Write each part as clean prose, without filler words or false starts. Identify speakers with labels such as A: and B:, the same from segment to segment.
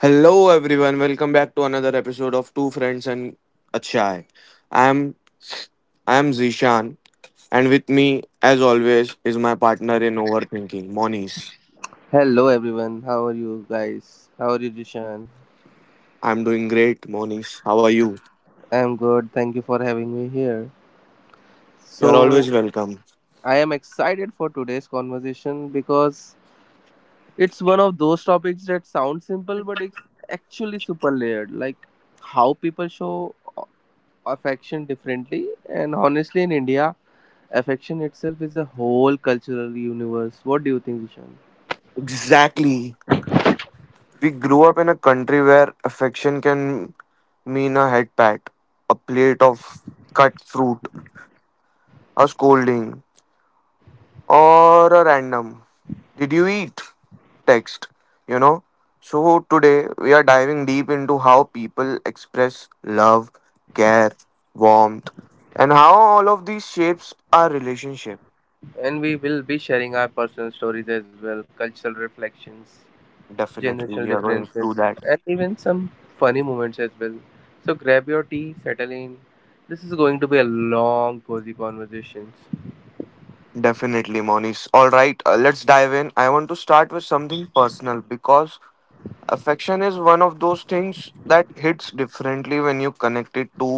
A: Hello everyone, welcome back to another episode of Two Friends and a Chai. I am I am Zishan and with me as always is my partner in overthinking, Monis.
B: Hello everyone, how are you guys? How are you, Jishan?
A: I'm doing great, Monis. How are you?
B: I'm good, thank you for having me here.
A: You're
B: So,
A: always welcome.
B: I am excited for today's conversation because it's one of those topics that sound simple but it's actually super layered, like how people show affection differently. And honestly, in India, affection itself is a whole cultural universe. What do you think, Jishan?
A: Exactly. We grew up in a country where affection can mean a head pat, a plate of cut fruit, a scolding, or a random did you eat text you know so today we are diving deep into how people express love, care, warmth, and how all of these shapes our relationship
B: And we will be sharing our personal stories as well, cultural reflections,
A: definitely
B: generational
A: We are going through
B: differences,
A: that
B: and even some funny moments as well. So grab your tea, settle in. This is going to be a long, cozy conversations.
A: definitely, Monish. All right, let's dive in. I want to start with something personal because affection is one of those things that hits differently when you connect it to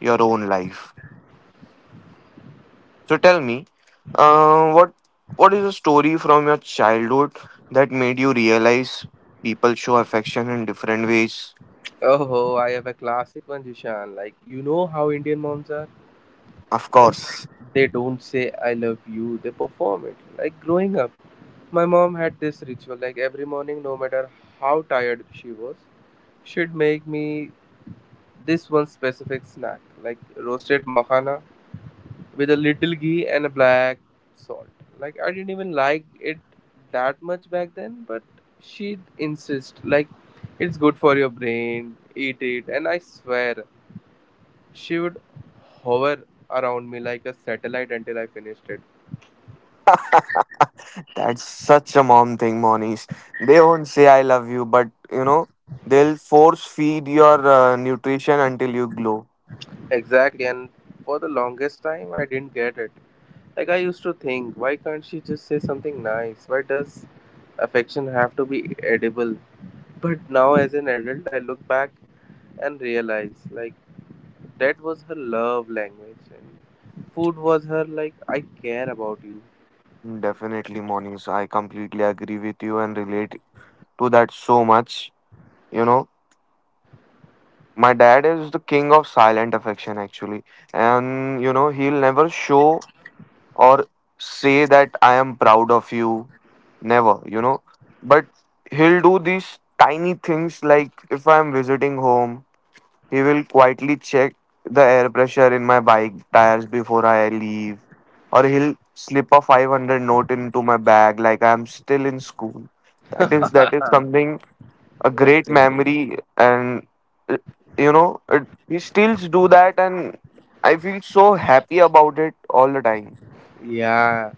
A: your own life. So tell me, uh, what what is a story from your childhood that made you realize people show affection in different ways?
B: Oh, I have a classic one, Jishan. Like, you know how Indian moms are?
A: Of
B: Like,
A: course.
B: they don't say I love you, they perform it. Like, growing up, my mom had this ritual. Like, every morning, no matter how tired she was, she'd make me this one specific snack, like roasted makhana with a little ghee and a black salt. Like I didn't even like it that much back then, but she'd insist like it's good for your brain, eat it, and I swear she would hover around me like a satellite until I finished it.
A: That's such a mom thing, Monies. They won't say I love you, but you know they'll force feed your nutrition until you glow.
B: Exactly, and for the longest time I didn't get it. Like I used to think, why can't she just say something nice? Why does affection have to be edible? But now as an adult I look back and realize like that was her love language, and food was her like I care about you.
A: Definitely, Monies. I completely agree with you and relate to that so much. You know, my dad is the king of silent affection, actually, and you know he'll never show or say that I am proud of you. Never, you know. But he'll do these tiny things like if I'm visiting home, he will quietly check the air pressure in my bike tires before I leave, or he'll slip a 500 note into my bag like I'm still in school. That is something, a great
B: Exactly.
A: memory, and uh, you know it, he still do that, and I feel so happy about it all the time.
B: Yeah,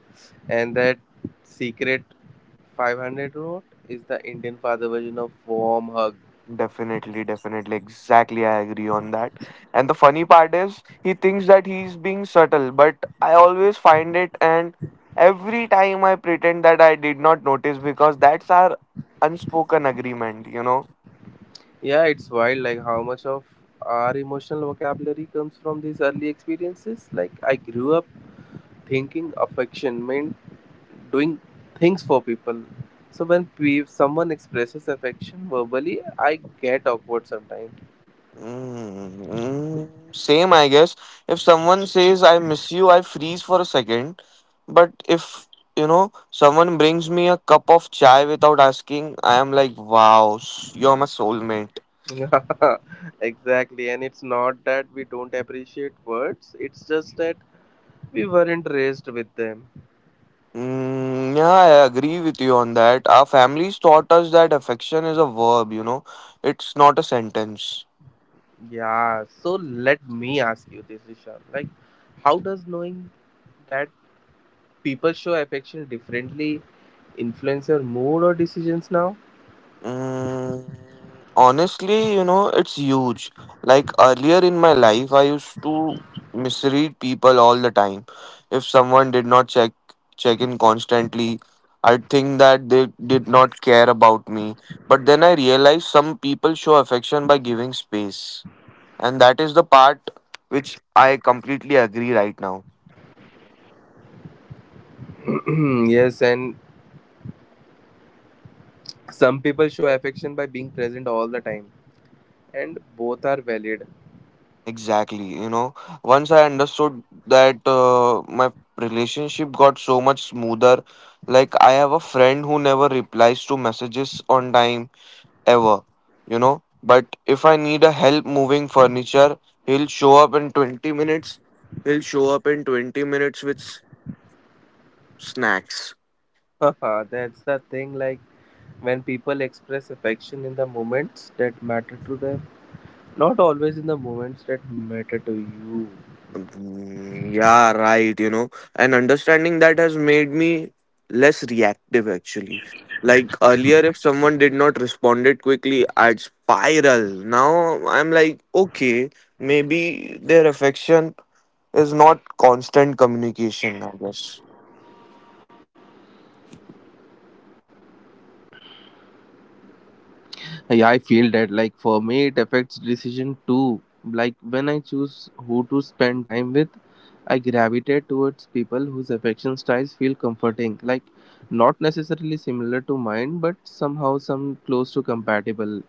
B: and that secret 500 note is the Indian father version of warm hug.
A: Definitely, definitely. Exactly, I agree on that. And the funny part is, he thinks that he's being subtle, but I always find it, and every time I pretend that I did not notice because that's our unspoken agreement, you know?
B: Yeah, it's wild like how much of our emotional vocabulary comes from these early experiences. Like I grew up thinking affection meant doing things for people, so when someone expresses affection verbally I get awkward sometimes.
A: Mm, mm, same, I guess. If someone says, I miss you, I freeze for a second. But if, you know, someone brings me a cup of chai without asking, I am like, wow, you're my soulmate.
B: Exactly, and it's not that we don't appreciate words, it's just that we weren't raised with them.
A: Mm, yeah, I agree with you on that. Our families taught us that affection is a verb, you know, it's not a sentence.
B: Yeah, so let me ask you this, Ishan, like how does knowing that people show affection differently influence your mood or decisions now?
A: Mm, honestly, you know, it's huge. Like earlier in my life, I used to misread people all the time. If someone did not check in constantly, I'd think that they did not care about me. But then I realized some people show affection by giving space. And that is the part which I completely agree right now.
B: Yes, and some people show affection by being present all the time, and both are valid.
A: Exactly, you know, once I understood that, my relationship got so much smoother. Like I have a friend who never replies to messages on time, ever, you know. But if I need a help moving furniture, he'll show up in 20 minutes he'll show up in 20 minutes with snacks.
B: Haha, that's the thing, like when people express affection in the moments that matter to them. Not always in the moments that matter to you.
A: Mm, yeah, right, you know. And understanding that has made me less reactive actually. Like earlier, if someone did not responded quickly, I'd spiral. Now I'm like, okay, maybe their affection is not constant communication, I guess.
B: Yeah, I feel that. Like for me it affects decision too. Like when I choose who to spend time with, I gravitate towards people whose affection styles feel comforting. Like not necessarily similar to mine, but somehow some close to compatible.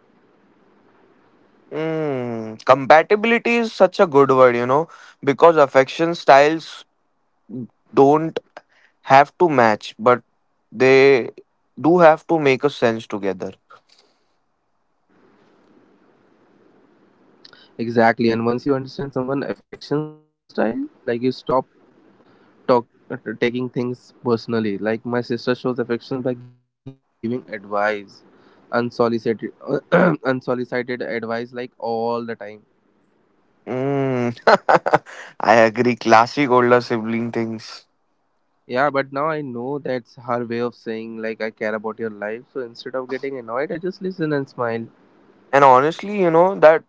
A: Mm, compatibility is such a good word, you know, because affection styles don't have to match, but they do have to make a sense together.
B: Exactly. And once you understand someone affection style, like you stop talk, taking things personally. Like my sister shows affection by giving advice, unsolicited, unsolicited advice like all the time.
A: Mm. I agree. Classic older sibling things.
B: Yeah, but now I know that's her way of saying like I care about your life. So instead of getting annoyed, I just listen and smile.
A: And honestly, you know, that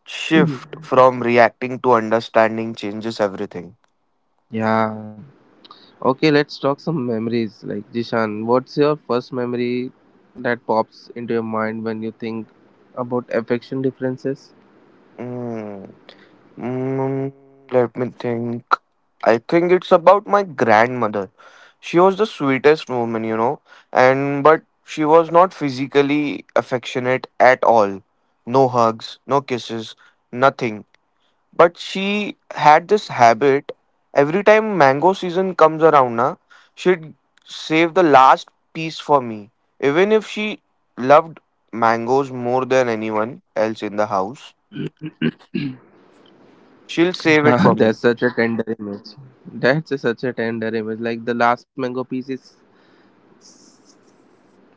B: Mhm.
A: shift from reacting to understanding changes everything.
B: Yeah. Okay, let's talk some memories. Like Jishan, what's your first memory that pops into your mind when you think about affection differences?
A: Mm. Mm, let me think. I think it's about my grandmother. She was the sweetest woman, you know, and but she was not physically affectionate at all. No hugs, no kisses, nothing. But she had this habit. Every time mango season comes around, na, she'd save the last piece for me. Even if she loved mangoes more than anyone else in the house, she'll save it
B: Ah,
A: for
B: that's
A: me.
B: such a tender image. Such a tender image. Like the last mango piece is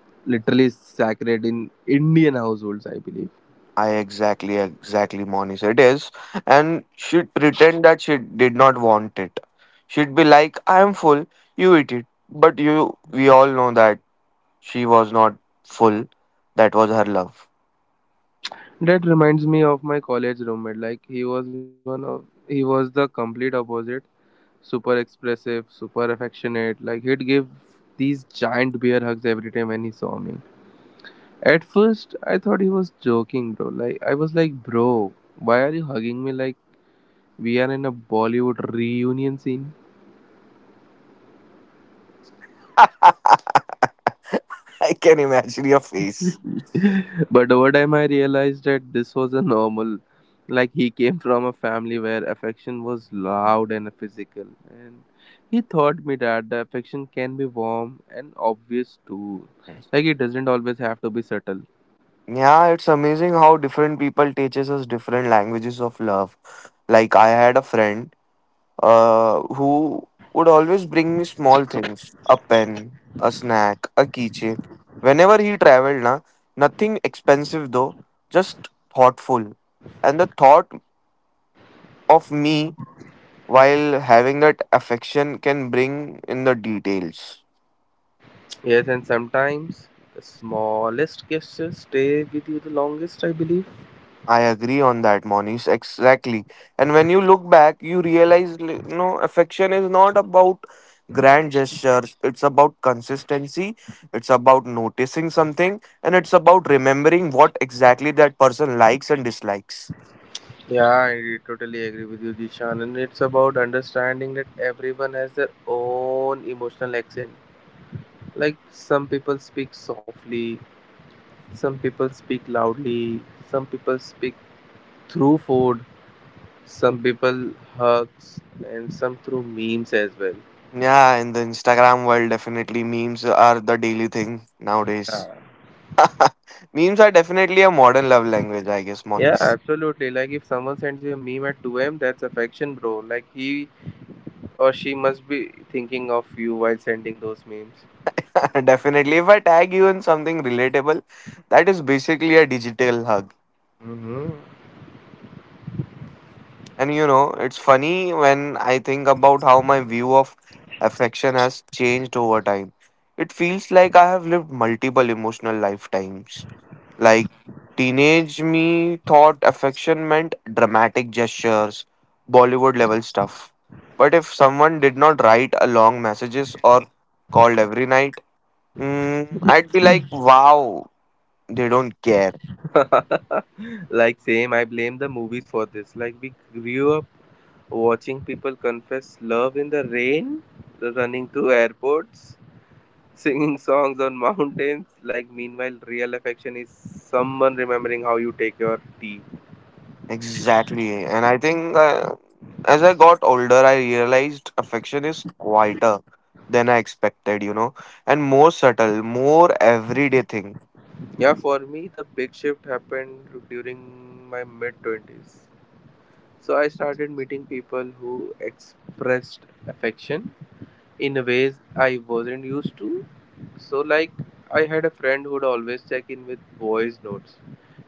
B: literally sacred in Indian households, I believe.
A: I exactly, exactly, Monis. It is. And she'd pretend that she did not want it. She'd be like, I am full, you eat it. But you, we all know that she was not full. That was her love.
B: That reminds me of my college roommate. Like he was the complete opposite. Super expressive, super affectionate. Like he'd give these giant bear hugs every time when he saw me. At first I thought he was joking, bro. Like I was like, bro, why are you hugging me like we are in a Bollywood reunion scene?
A: I can imagine your face.
B: But over time I realized that this was a normal. Like he came from a family where affection was loud and physical, and he taught me that the affection can be warm and obvious too. Like it doesn't always have to be subtle.
A: Yeah, it's amazing how different people teaches us different languages of love. Like I had a friend who would always bring me small things, a pen, a snack, a keychain. Whenever he traveled, na, nothing expensive though, just thoughtful. And the thought of me while having that affection can bring in the details.
B: Yes, and sometimes the smallest gestures stay with you the longest, I believe.
A: I agree on that, Monish. Exactly. And when you look back, you realize, you know, affection is not about grand gestures. It's about consistency. It's about noticing something, and it's about remembering what exactly that person likes and dislikes.
B: Yeah, I totally agree with you, Jishan, and it's about understanding that everyone has their own emotional accent. Like some people speak softly, some people speak loudly, some people speak through food, some people hugs, and some through memes as well.
A: Yeah, in the Instagram world, definitely memes are the daily thing nowadays.
B: Yeah.
A: Memes are definitely a modern love language, I guess,
B: Yeah,
A: Monish.
B: absolutely. Like if someone sends you a meme at 2 a.m., that's affection, bro. Like he or she must be thinking of you while sending those memes.
A: Definitely, if I tag you in something relatable, that is basically a digital hug.
B: Hmm.
A: And you know, it's funny when I think about how my view of affection has changed over time. It feels like I have lived multiple emotional lifetimes. Like, teenage me thought affection meant dramatic gestures, Bollywood level stuff. But if someone did not write a long messages or called every night, I'd be like, wow, they don't care.
B: Like same, I blame the movies for this. Like we grew up watching people confess love in the rain, running to airports, singing songs on mountains, like meanwhile, real affection is someone remembering how you take your tea.
A: Exactly. And I think, as I got older, I realized affection is quieter than I expected, you know, and more subtle, more everyday thing.
B: Yeah, for me, the big shift happened during my mid 20s. So I started meeting people who expressed affection in ways I wasn't used to. So, like, I had a friend who'd always check in with voice notes.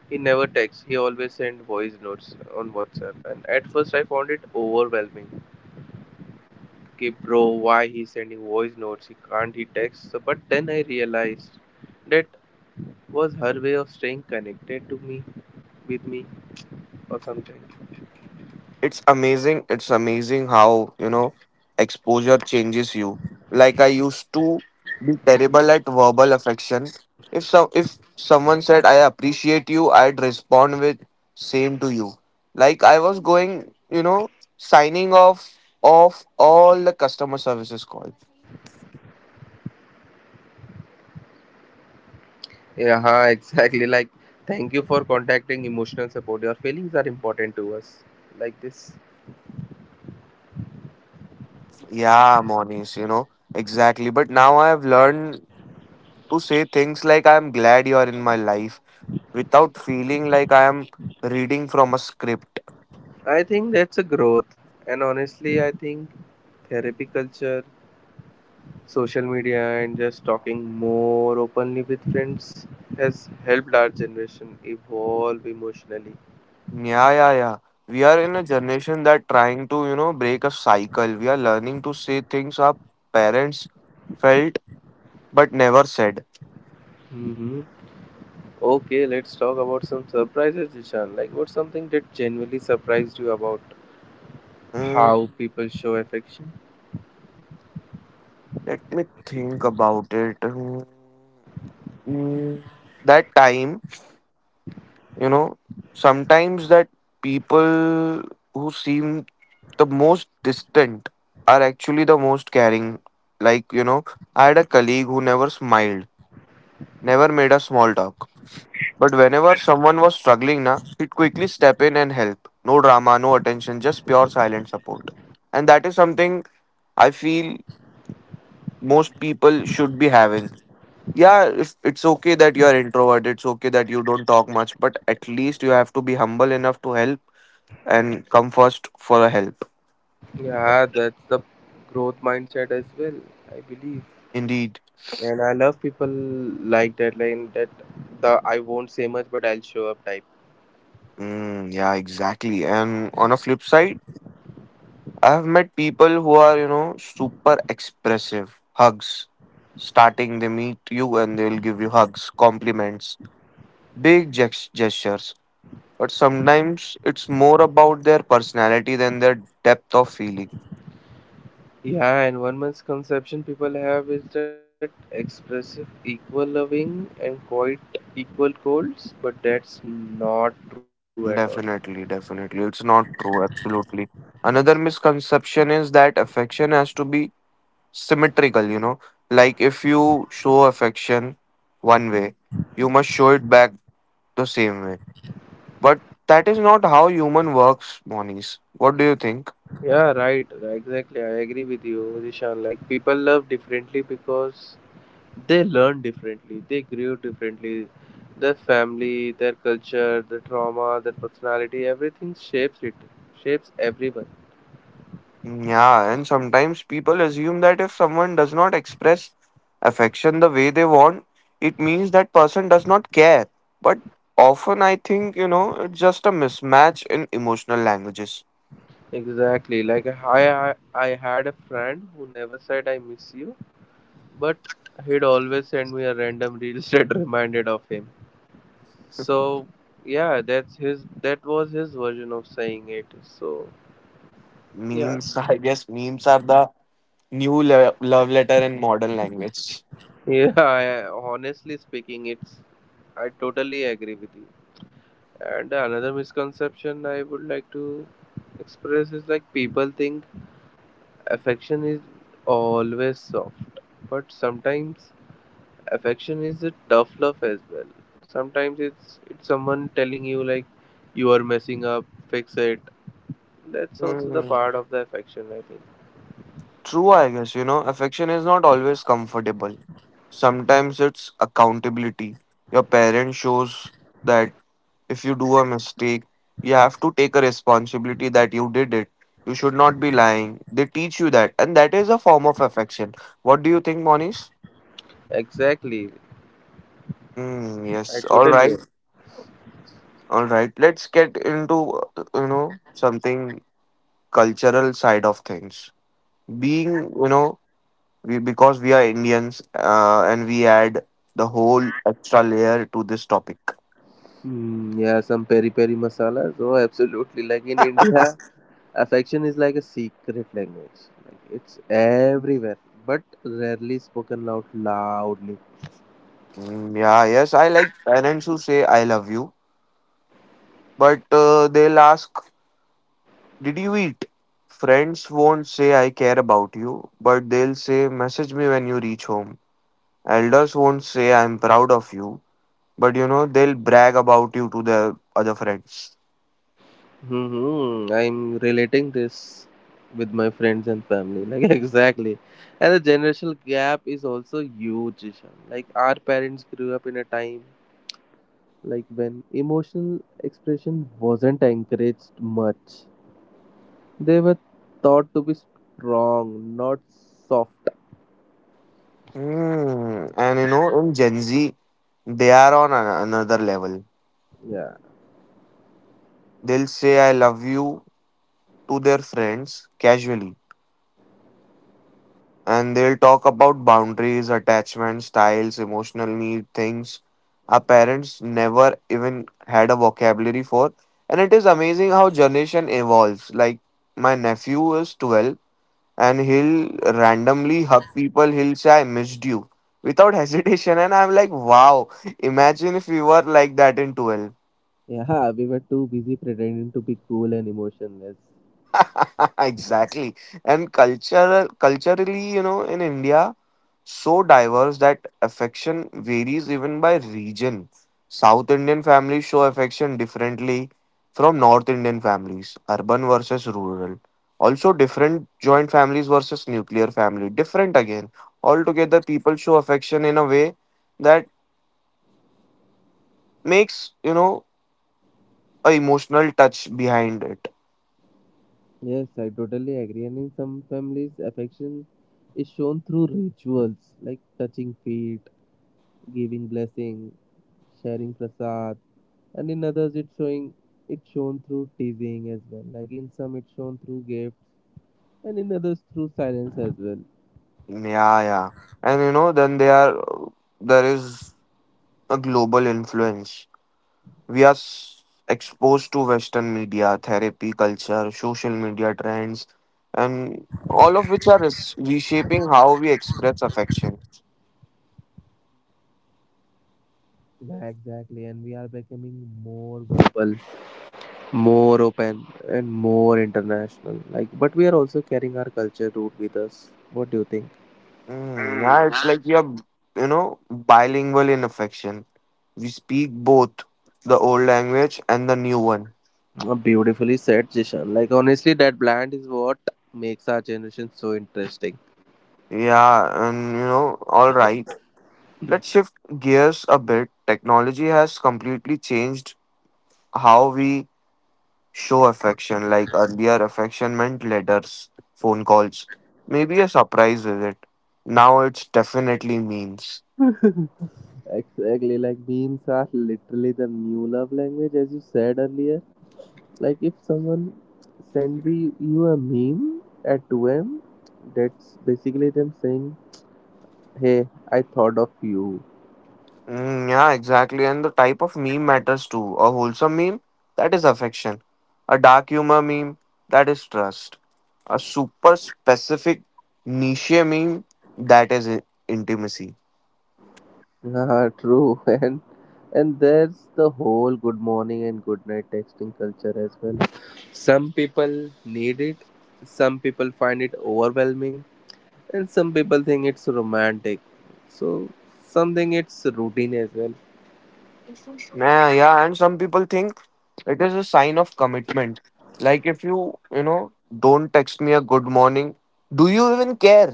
B: He never texts, he always sent voice notes on WhatsApp. And at first, I found it overwhelming. Okay bro, why he's sending voice notes, he can't he texts? So, but then I realized that was her way of staying connected to me with me or something.
A: It's amazing how, you know, exposure changes you. Like I used to be terrible at verbal affection. If someone said I appreciate you, I'd respond with same to you. Like I was going, you know, signing off of all the customer services calls.
B: Yeah. Huh, exactly. Like thank you for contacting emotional support, your feelings are important to us, like this.
A: Yeah, Monies, you know, exactly. But now I've learned to say things like I'm glad you're in my life without feeling like I am reading from a script.
B: I think that's a growth, and honestly I think therapy culture, social media, and just talking more openly with friends has helped our generation evolve emotionally.
A: Yeah, yeah, yeah. We are in a generation that trying to, you know, break a cycle. We are learning to say things our parents felt but never said.
B: Mhm. Okay, let's talk about some surprises, Ishan. Like, what's something that genuinely surprised you about
A: Mm,
B: how people show affection?
A: let me think about it. Mm, that time, you know, sometimes that people who seem the most distant are actually the most caring. Like, you know, I had a colleague who never smiled, never made a small talk. But whenever someone was struggling, na, he'd quickly step in and help. No drama, no attention, just pure silent support. And that is something I feel most people should be having. Yeah, if it's okay that you're introvert, it's okay that you don't talk much, but at least you have to be humble enough to help and come first for a help.
B: Yeah, that's the growth mindset as well, I believe.
A: Indeed.
B: And I love people like that the I won't say much but I'll show up type.
A: Mm, yeah, exactly. And on a flip side, I've met people who are, you know, super expressive. Hugs. Starting, they meet you and they'll give you hugs, compliments, big gestures. But sometimes it's more about their personality than their depth of feeling.
B: Yeah, and one misconception people have is that expressive equal loving and quite equal colds, but that's not true at all.
A: Definitely, definitely. It's not true, absolutely. Another misconception is that affection has to be symmetrical, you know. Like if you show affection one way, you must show it back the same way. But that is not how human works, Monies. What do you think?
B: Yeah, right. Right, exactly. I agree with you, Rishan. Like people love differently because they learn differently, they grew differently. Their family, their culture, their trauma, their personality, everything shapes it, shapes everyone.
A: Yeah, and sometimes people assume that if someone does not express affection the way they want, it means that person does not care. But often I think, you know, it's just a mismatch in emotional languages.
B: Exactly. Like I had a friend who never said I miss you, but he'd always send me a random reel that reminded of him. So yeah, that's his. That was his version of saying it. So yeah.
A: Memes, I guess memes are the new love letter in modern language.
B: Yeah, I, honestly speaking, it's I totally agree with you. And another misconception I would like to express is like people think affection is always soft, but sometimes affection is a tough love as well. Sometimes it's someone telling you like you are messing up, fix it. That's also the
A: Hmm.
B: part of the affection, I think.
A: True, I guess, you know, affection is not always comfortable. Sometimes it's accountability. Your parent shows that if you do a mistake, you have to take a responsibility that you did it. You should not be lying. They teach you that, and that is a form of affection. What do you think, Monish?
B: Exactly,
A: Mm,
B: I
A: yes. All
B: totally
A: right.
B: agree.
A: All right. Let's get into, you know, something cultural side of things. Being, you know, we because we are Indians, and we add the whole extra layer to this topic.
B: Mm, yeah, some peri peri masalas. Oh, absolutely. Like in India. Affection is like a secret language. Like it's everywhere, but rarely spoken out loudly.
A: Mm, yeah, yes, I like parents who say I love you, but they'll ask, Did you eat? Friends won't say I care about you, but they'll say, Message me when you reach home. Elders won't say I'm proud of you, but you know, they'll brag about you to their other friends.
B: Hmm, I'm relating this with my friends and family. Like exactly. And the generational gap is also huge, Ishan. Like our parents grew up in a time like when emotional expression wasn't encouraged much. They were thought to be strong, not soft.
A: Mm, and you know, in Gen Z, they are on another level.
B: Yeah.
A: They'll say I love you to their friends casually, and they'll talk about boundaries, attachment styles, emotional need, things our parents never even had a vocabulary for. And it is amazing how generation evolves. Like my nephew is 12 and he'll randomly hug people, he'll say, I missed you without hesitation. And I'm like, wow, imagine if we were like that in 12.
B: Yeah, we were too busy pretending to be cool and emotionless.
A: Exactly. And culturally, you know, in India, so diverse that affection varies even by region. South Indian families show affection differently from North Indian families, urban versus rural. Also, different joint families versus nuclear family, different again. Altogether, people show affection in a way that makes, you know, a emotional touch behind it.
B: Yes, I totally agree. And in some families, affection is shown through rituals like touching feet, giving blessing, sharing prasad, and in others, it's shown through teasing as well. Like in some, it's shown through gift, and in others, through silence as well.
A: Yeah, yeah. And you know, then they are there is a global influence. We are s- exposed to Western media, therapy culture, social media trends, and all of which are reshaping how we express affection.
B: Yeah, exactly. And we are becoming more verbal, more open, and more international, like but we are also carrying our culture root with us. What do you think?
A: Yeah, it's like we are, you know, bilingual in affection. We speak both the old language and the new one.
B: Beautifully said, Jishan. Like honestly that blend is what makes our generation so interesting.
A: Yeah, and you know, all right. Let's shift gears a bit. Technology has completely changed how we show affection. Like earlier affection meant letters, phone calls, maybe a surprise visit. Now it's definitely memes.
B: Exactly, like memes are literally the new love language as you said earlier. Like if someone send me you a meme at 2 a.m., that's basically them saying hey, I thought of you.
A: Yeah, exactly. And the type of meme matters too. A wholesome meme, that is affection. A dark humor meme, that is trust. A super specific niche meme, that is intimacy.
B: Yeah, true. And there's the whole good morning and good night texting culture as well. Some people need it, some people find it overwhelming, and some people think it's romantic. So something it's routine as well.
A: Yeah, yeah, and some people think it is a sign of commitment. Like if you, you know, don't text me a good morning, do you even care?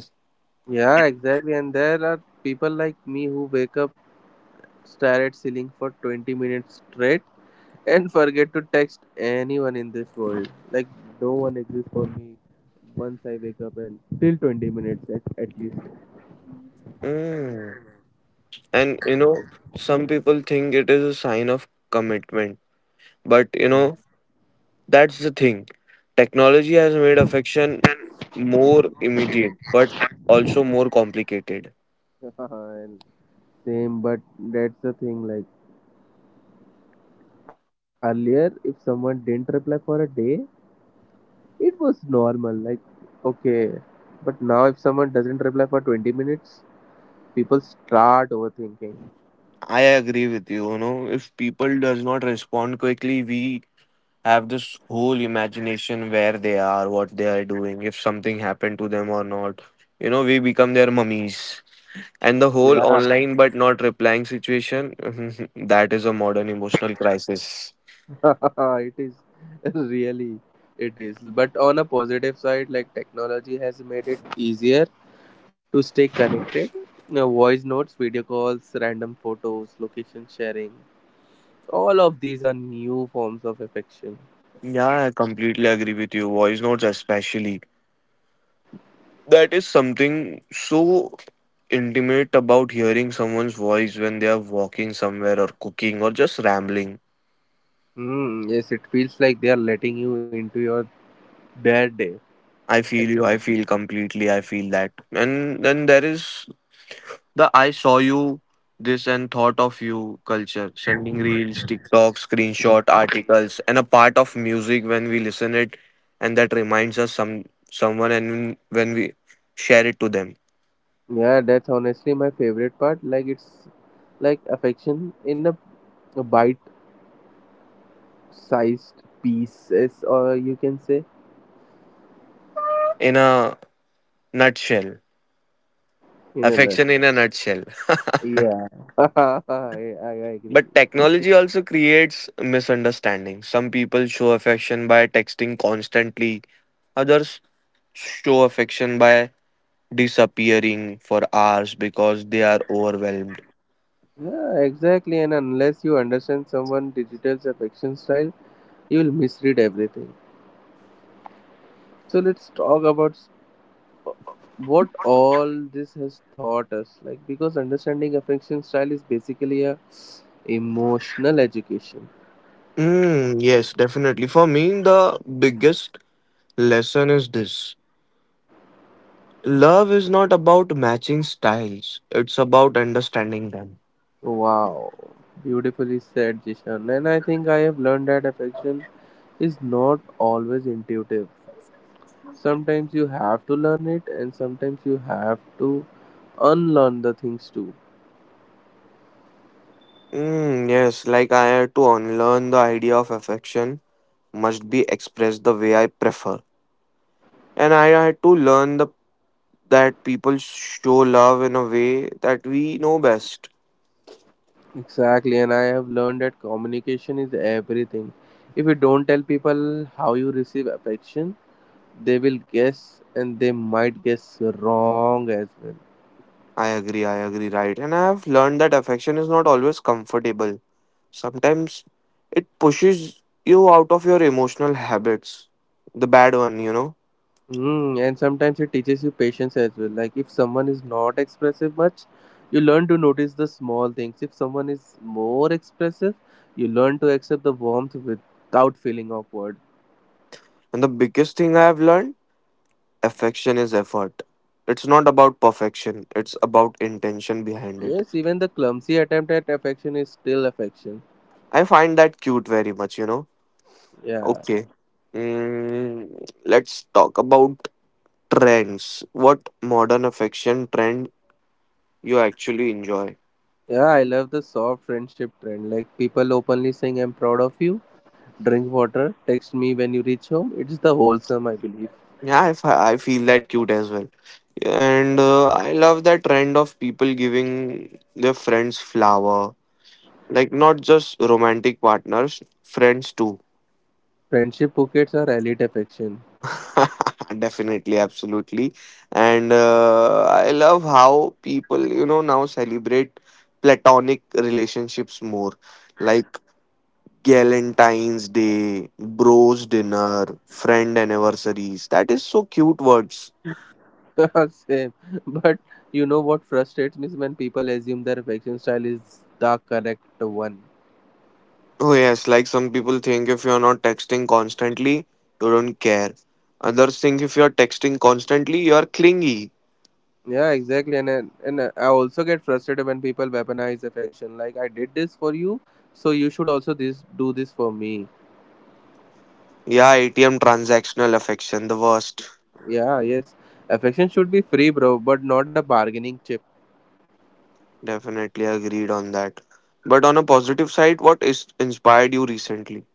B: Yeah, exactly. And there are people like me who wake up, stare at ceiling for 20 minutes straight, and forget to text anyone in this world. Like, no one exists for me once I wake up and till 20 minutes at least.
A: Mm. And you know, some people think it is a sign of commitment. But you know, that's the thing. Technology has made affection more immediate, but also more complicated.
B: And same, but that's the thing. Like, earlier, if someone didn't reply for a day, it was normal. Like, okay. But now, if someone doesn't reply for 20 minutes, people start overthinking.
A: I agree with you, you know, if people does not respond quickly, we have this whole imagination where they are, what they are doing, if something happened to them or not. You know, we become their mummies. And the whole
B: Yeah,
A: online but not replying situation, that is a modern emotional crisis.
B: it is really it is. But on a positive side, like technology has made it easier to stay connected, voice notes, video calls, random photos, location sharing, all of these are new forms of affection.
A: Yeah, I completely agree with you. Voice notes, especially. That is something so intimate about hearing someone's voice when they are walking somewhere or cooking or just rambling.
B: Hmm, yes, it feels like they are letting you into your their day.
A: I
B: Ex-
A: feel you, I feel completely, I feel that. And then there is the I saw you this and thought of you culture, sending reels, TikTok, screenshot, articles, and a part of music when we listen it and that reminds us some someone and when we share it to them.
B: Yeah, that's honestly my favorite part. Like it's like affection in a bite-sized pieces, or you can say
A: In a nutshell.
B: in a
A: Affection
B: nutshell.
A: in a nutshell.
B: Yeah, I
A: But
B: agree.
A: technology also creates misunderstanding. Some people show affection by texting constantly, others show affection by disappearing for hours because they are overwhelmed.
B: Yeah, exactly. And unless you understand someone digital's affection style, you will misread everything. So let's talk about s- what all this has taught us. Like because understanding affection style is basically a emotional education.
A: Yes, definitely. For me, the biggest lesson is this. Love is not about matching styles, it's about understanding them.
B: Wow, beautifully said, Jishan. And I think I have learned that affection is not always intuitive. Sometimes you have to learn it, and sometimes you have to unlearn the things too.
A: Yes, like I had to unlearn the idea of affection must be expressed the way I prefer. And I had to learn the, that people show love in a way that we know best.
B: Exactly, and I have learned that communication is everything. If you don't tell people how you receive affection, they will guess and they might guess wrong as well.
A: I agree, right. And I have learned that affection is not always comfortable. Sometimes it pushes you out of your emotional habits, the bad one, you know.
B: Mm, and sometimes it teaches you patience as well. Like if someone is not expressive much, you learn to notice the small things. If someone is more expressive, you learn to accept the warmth without feeling awkward.
A: And the biggest thing I have learned affection is effort. It's not about perfection, it's about intention behind it.
B: Yes, even the clumsy attempt at affection is still affection.
A: I find that cute very much, you know.
B: Yeah.
A: Okay. Let's talk about trends. What modern affection trend you actually enjoy?
B: Yeah, I love the soft friendship trend. Like people openly saying, I'm proud of you, drink water, text me when you reach home. It's the wholesome, I believe.
A: Yeah, I, I feel that cute as well. And I love that trend of people giving their friends flower. Like not just romantic partners, friends too.
B: Friendship bouquets are elite affection.
A: Definitely, absolutely. And I love how people, you know, now celebrate platonic relationships more. Like Galentine's Day, bros dinner, friend anniversaries. That is so cute words.
B: Same. But you know what frustrates me is when people assume their affection style is the correct one.
A: Oh, yes, like some people think if you're not texting constantly, you don't care. Others think if you're texting constantly, you're clingy.
B: Yeah, exactly. And I also get frustrated when people weaponize affection. Like, I did this for you, so you should also this do this for me.
A: Yeah, ATM transactional affection, the worst.
B: Yeah, yes. Affection should be free, bro, but not a bargaining chip.
A: Definitely agreed on that. But on a positive side, what is inspired you recently?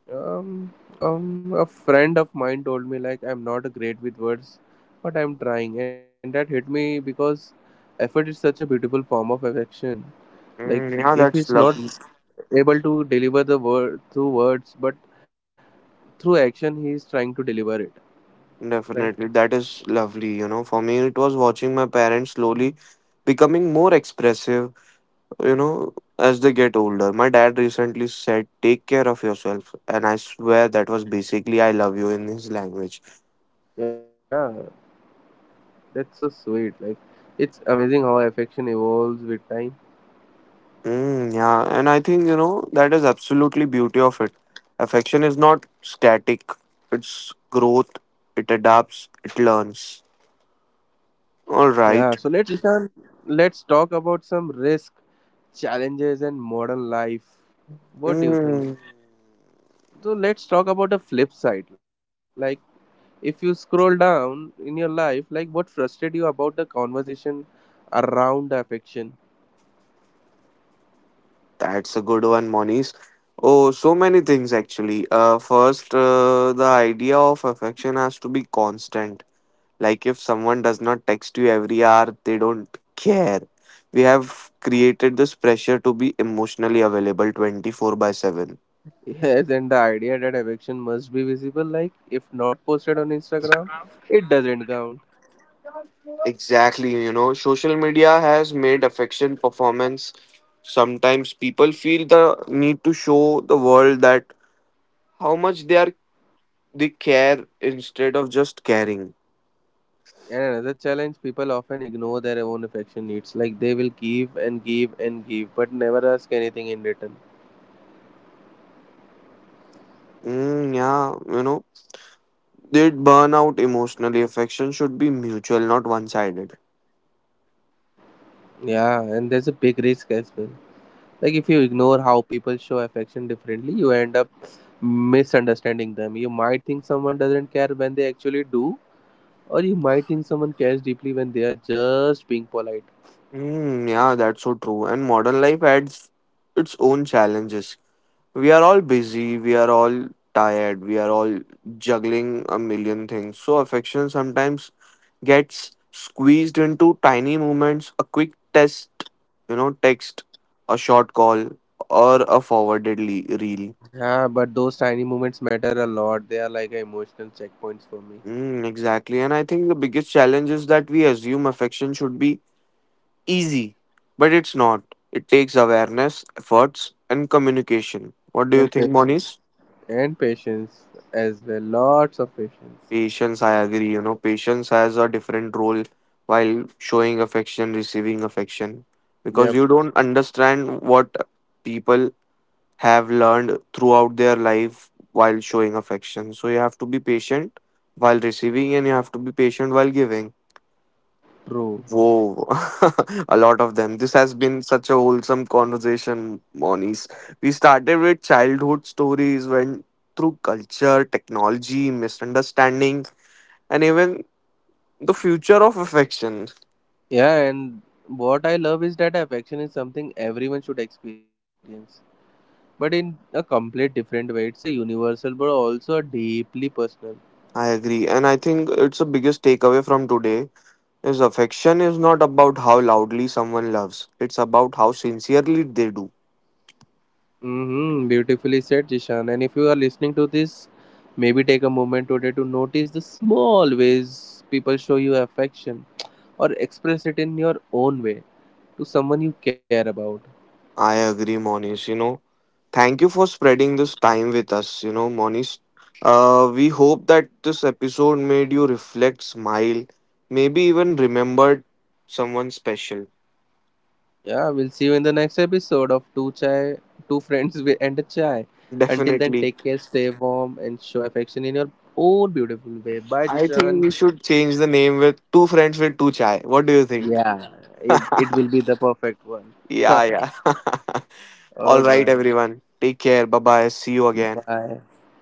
B: Um, a friend of mine told me like I'm not great with words, but I'm trying, and that hit me because effort is such a beautiful form of affection. Like if
A: Yeah,
B: he's
A: that's
B: not
A: lovely.
B: able to deliver the word through words, but through action, he is trying to deliver it. Right?
A: Definitely, that is lovely. You know, for me, it was watching my parents slowly becoming more expressive you know, as they get older. My dad recently said, "Take care of yourself." And I swear that was basically I love you in his language.
B: Yeah, that's so sweet. Like it's amazing how affection evolves with time.
A: Yeah, and I think, you know, that is absolutely beauty of it. Affection is not static, it's growth, it adapts, it learns. All
B: Yeah.
A: right.
B: So let's Ishan, let's talk about some risk, challenges, and modern life. What do you think?
A: Mm,
B: So let's talk about the flip side. Like if you scroll down in your life, like what frustrated you about the conversation around affection?
A: that's a good one, Moniz. Oh, so many things actually. First, the idea of affection has to be constant. Like if someone does not text you every hour, they don't care. We have created this pressure to be emotionally available 24 by 7.
B: Yes, and the idea that affection must be visible, like if not posted on Instagram, it doesn't count.
A: Exactly, you know, social media has made affection performance. Sometimes people feel the need to show the world that how much they care instead of just caring.
B: And another challenge, people often ignore their own affection needs. Like they will give and give and give, but never ask anything in return.
A: Yeah, you know, they burn out emotionally. Affection should be mutual, not one sided.
B: Yeah, and there's a big risk as well. Like if you ignore how people show affection differently, you end up misunderstanding them. You might think someone doesn't care when they actually do, or you might think someone cares deeply when they are just being polite.
A: Yeah, that's so true. And modern life adds its own challenges. We are all busy, we are all tired, we are all juggling a million things. So affection sometimes gets squeezed into tiny moments, a quick test, you know, text, a short call, or a forwarded reel.
B: Yeah, but those tiny moments matter a lot. They are like emotional checkpoints for me.
A: Exactly. And I think the biggest challenge is that we assume affection should be easy, but it's not. It takes awareness, efforts, and communication. What do you
B: And
A: think,
B: patience.
A: Moniz?
B: And patience as well. Lots of patience.
A: Patience, I agree. You know, patience has a different role while showing affection, receiving affection, because
B: Yep,
A: you don't understand what people have learned throughout their life while showing affection. So you have to be patient while receiving, and you have to be patient while giving.
B: true.
A: Whoa, a lot of them. This has been such a wholesome conversation, Monies. We started with childhood stories, went through culture, technology, misunderstanding, and even the future of affection.
B: Yeah, and what I love is that affection is something everyone should experience, but in a complete different way. It's a universal, but also a deeply personal.
A: I agree, and I think it's the biggest takeaway from today is affection is not about how loudly someone loves. It's about how sincerely they do.
B: Mm-hmm, beautifully said, Jishan. And if you are listening to this, maybe take a moment today to notice the small ways people show you affection or express it in your own way to someone you care about.
A: I agree, Monish. You know, thank you for spreading this time with us. You know, Monish, we hope that this episode made you reflect, smile, maybe even remembered someone special.
B: Yeah, we'll see you in the next episode of Two Chai, Two Friends and a Chai. Until then,
A: Definitely.
B: take care, stay warm, and show affection in your own beautiful way.
A: I
B: Bye,
A: think we
B: Jishan.
A: should change the name with Two Friends with Two Chai. What do you think?
B: Yeah, it will be the perfect one.
A: Yeah, yeah. All right,
B: All right.
A: everyone. Take care. Bye bye. See you again.
B: Bye.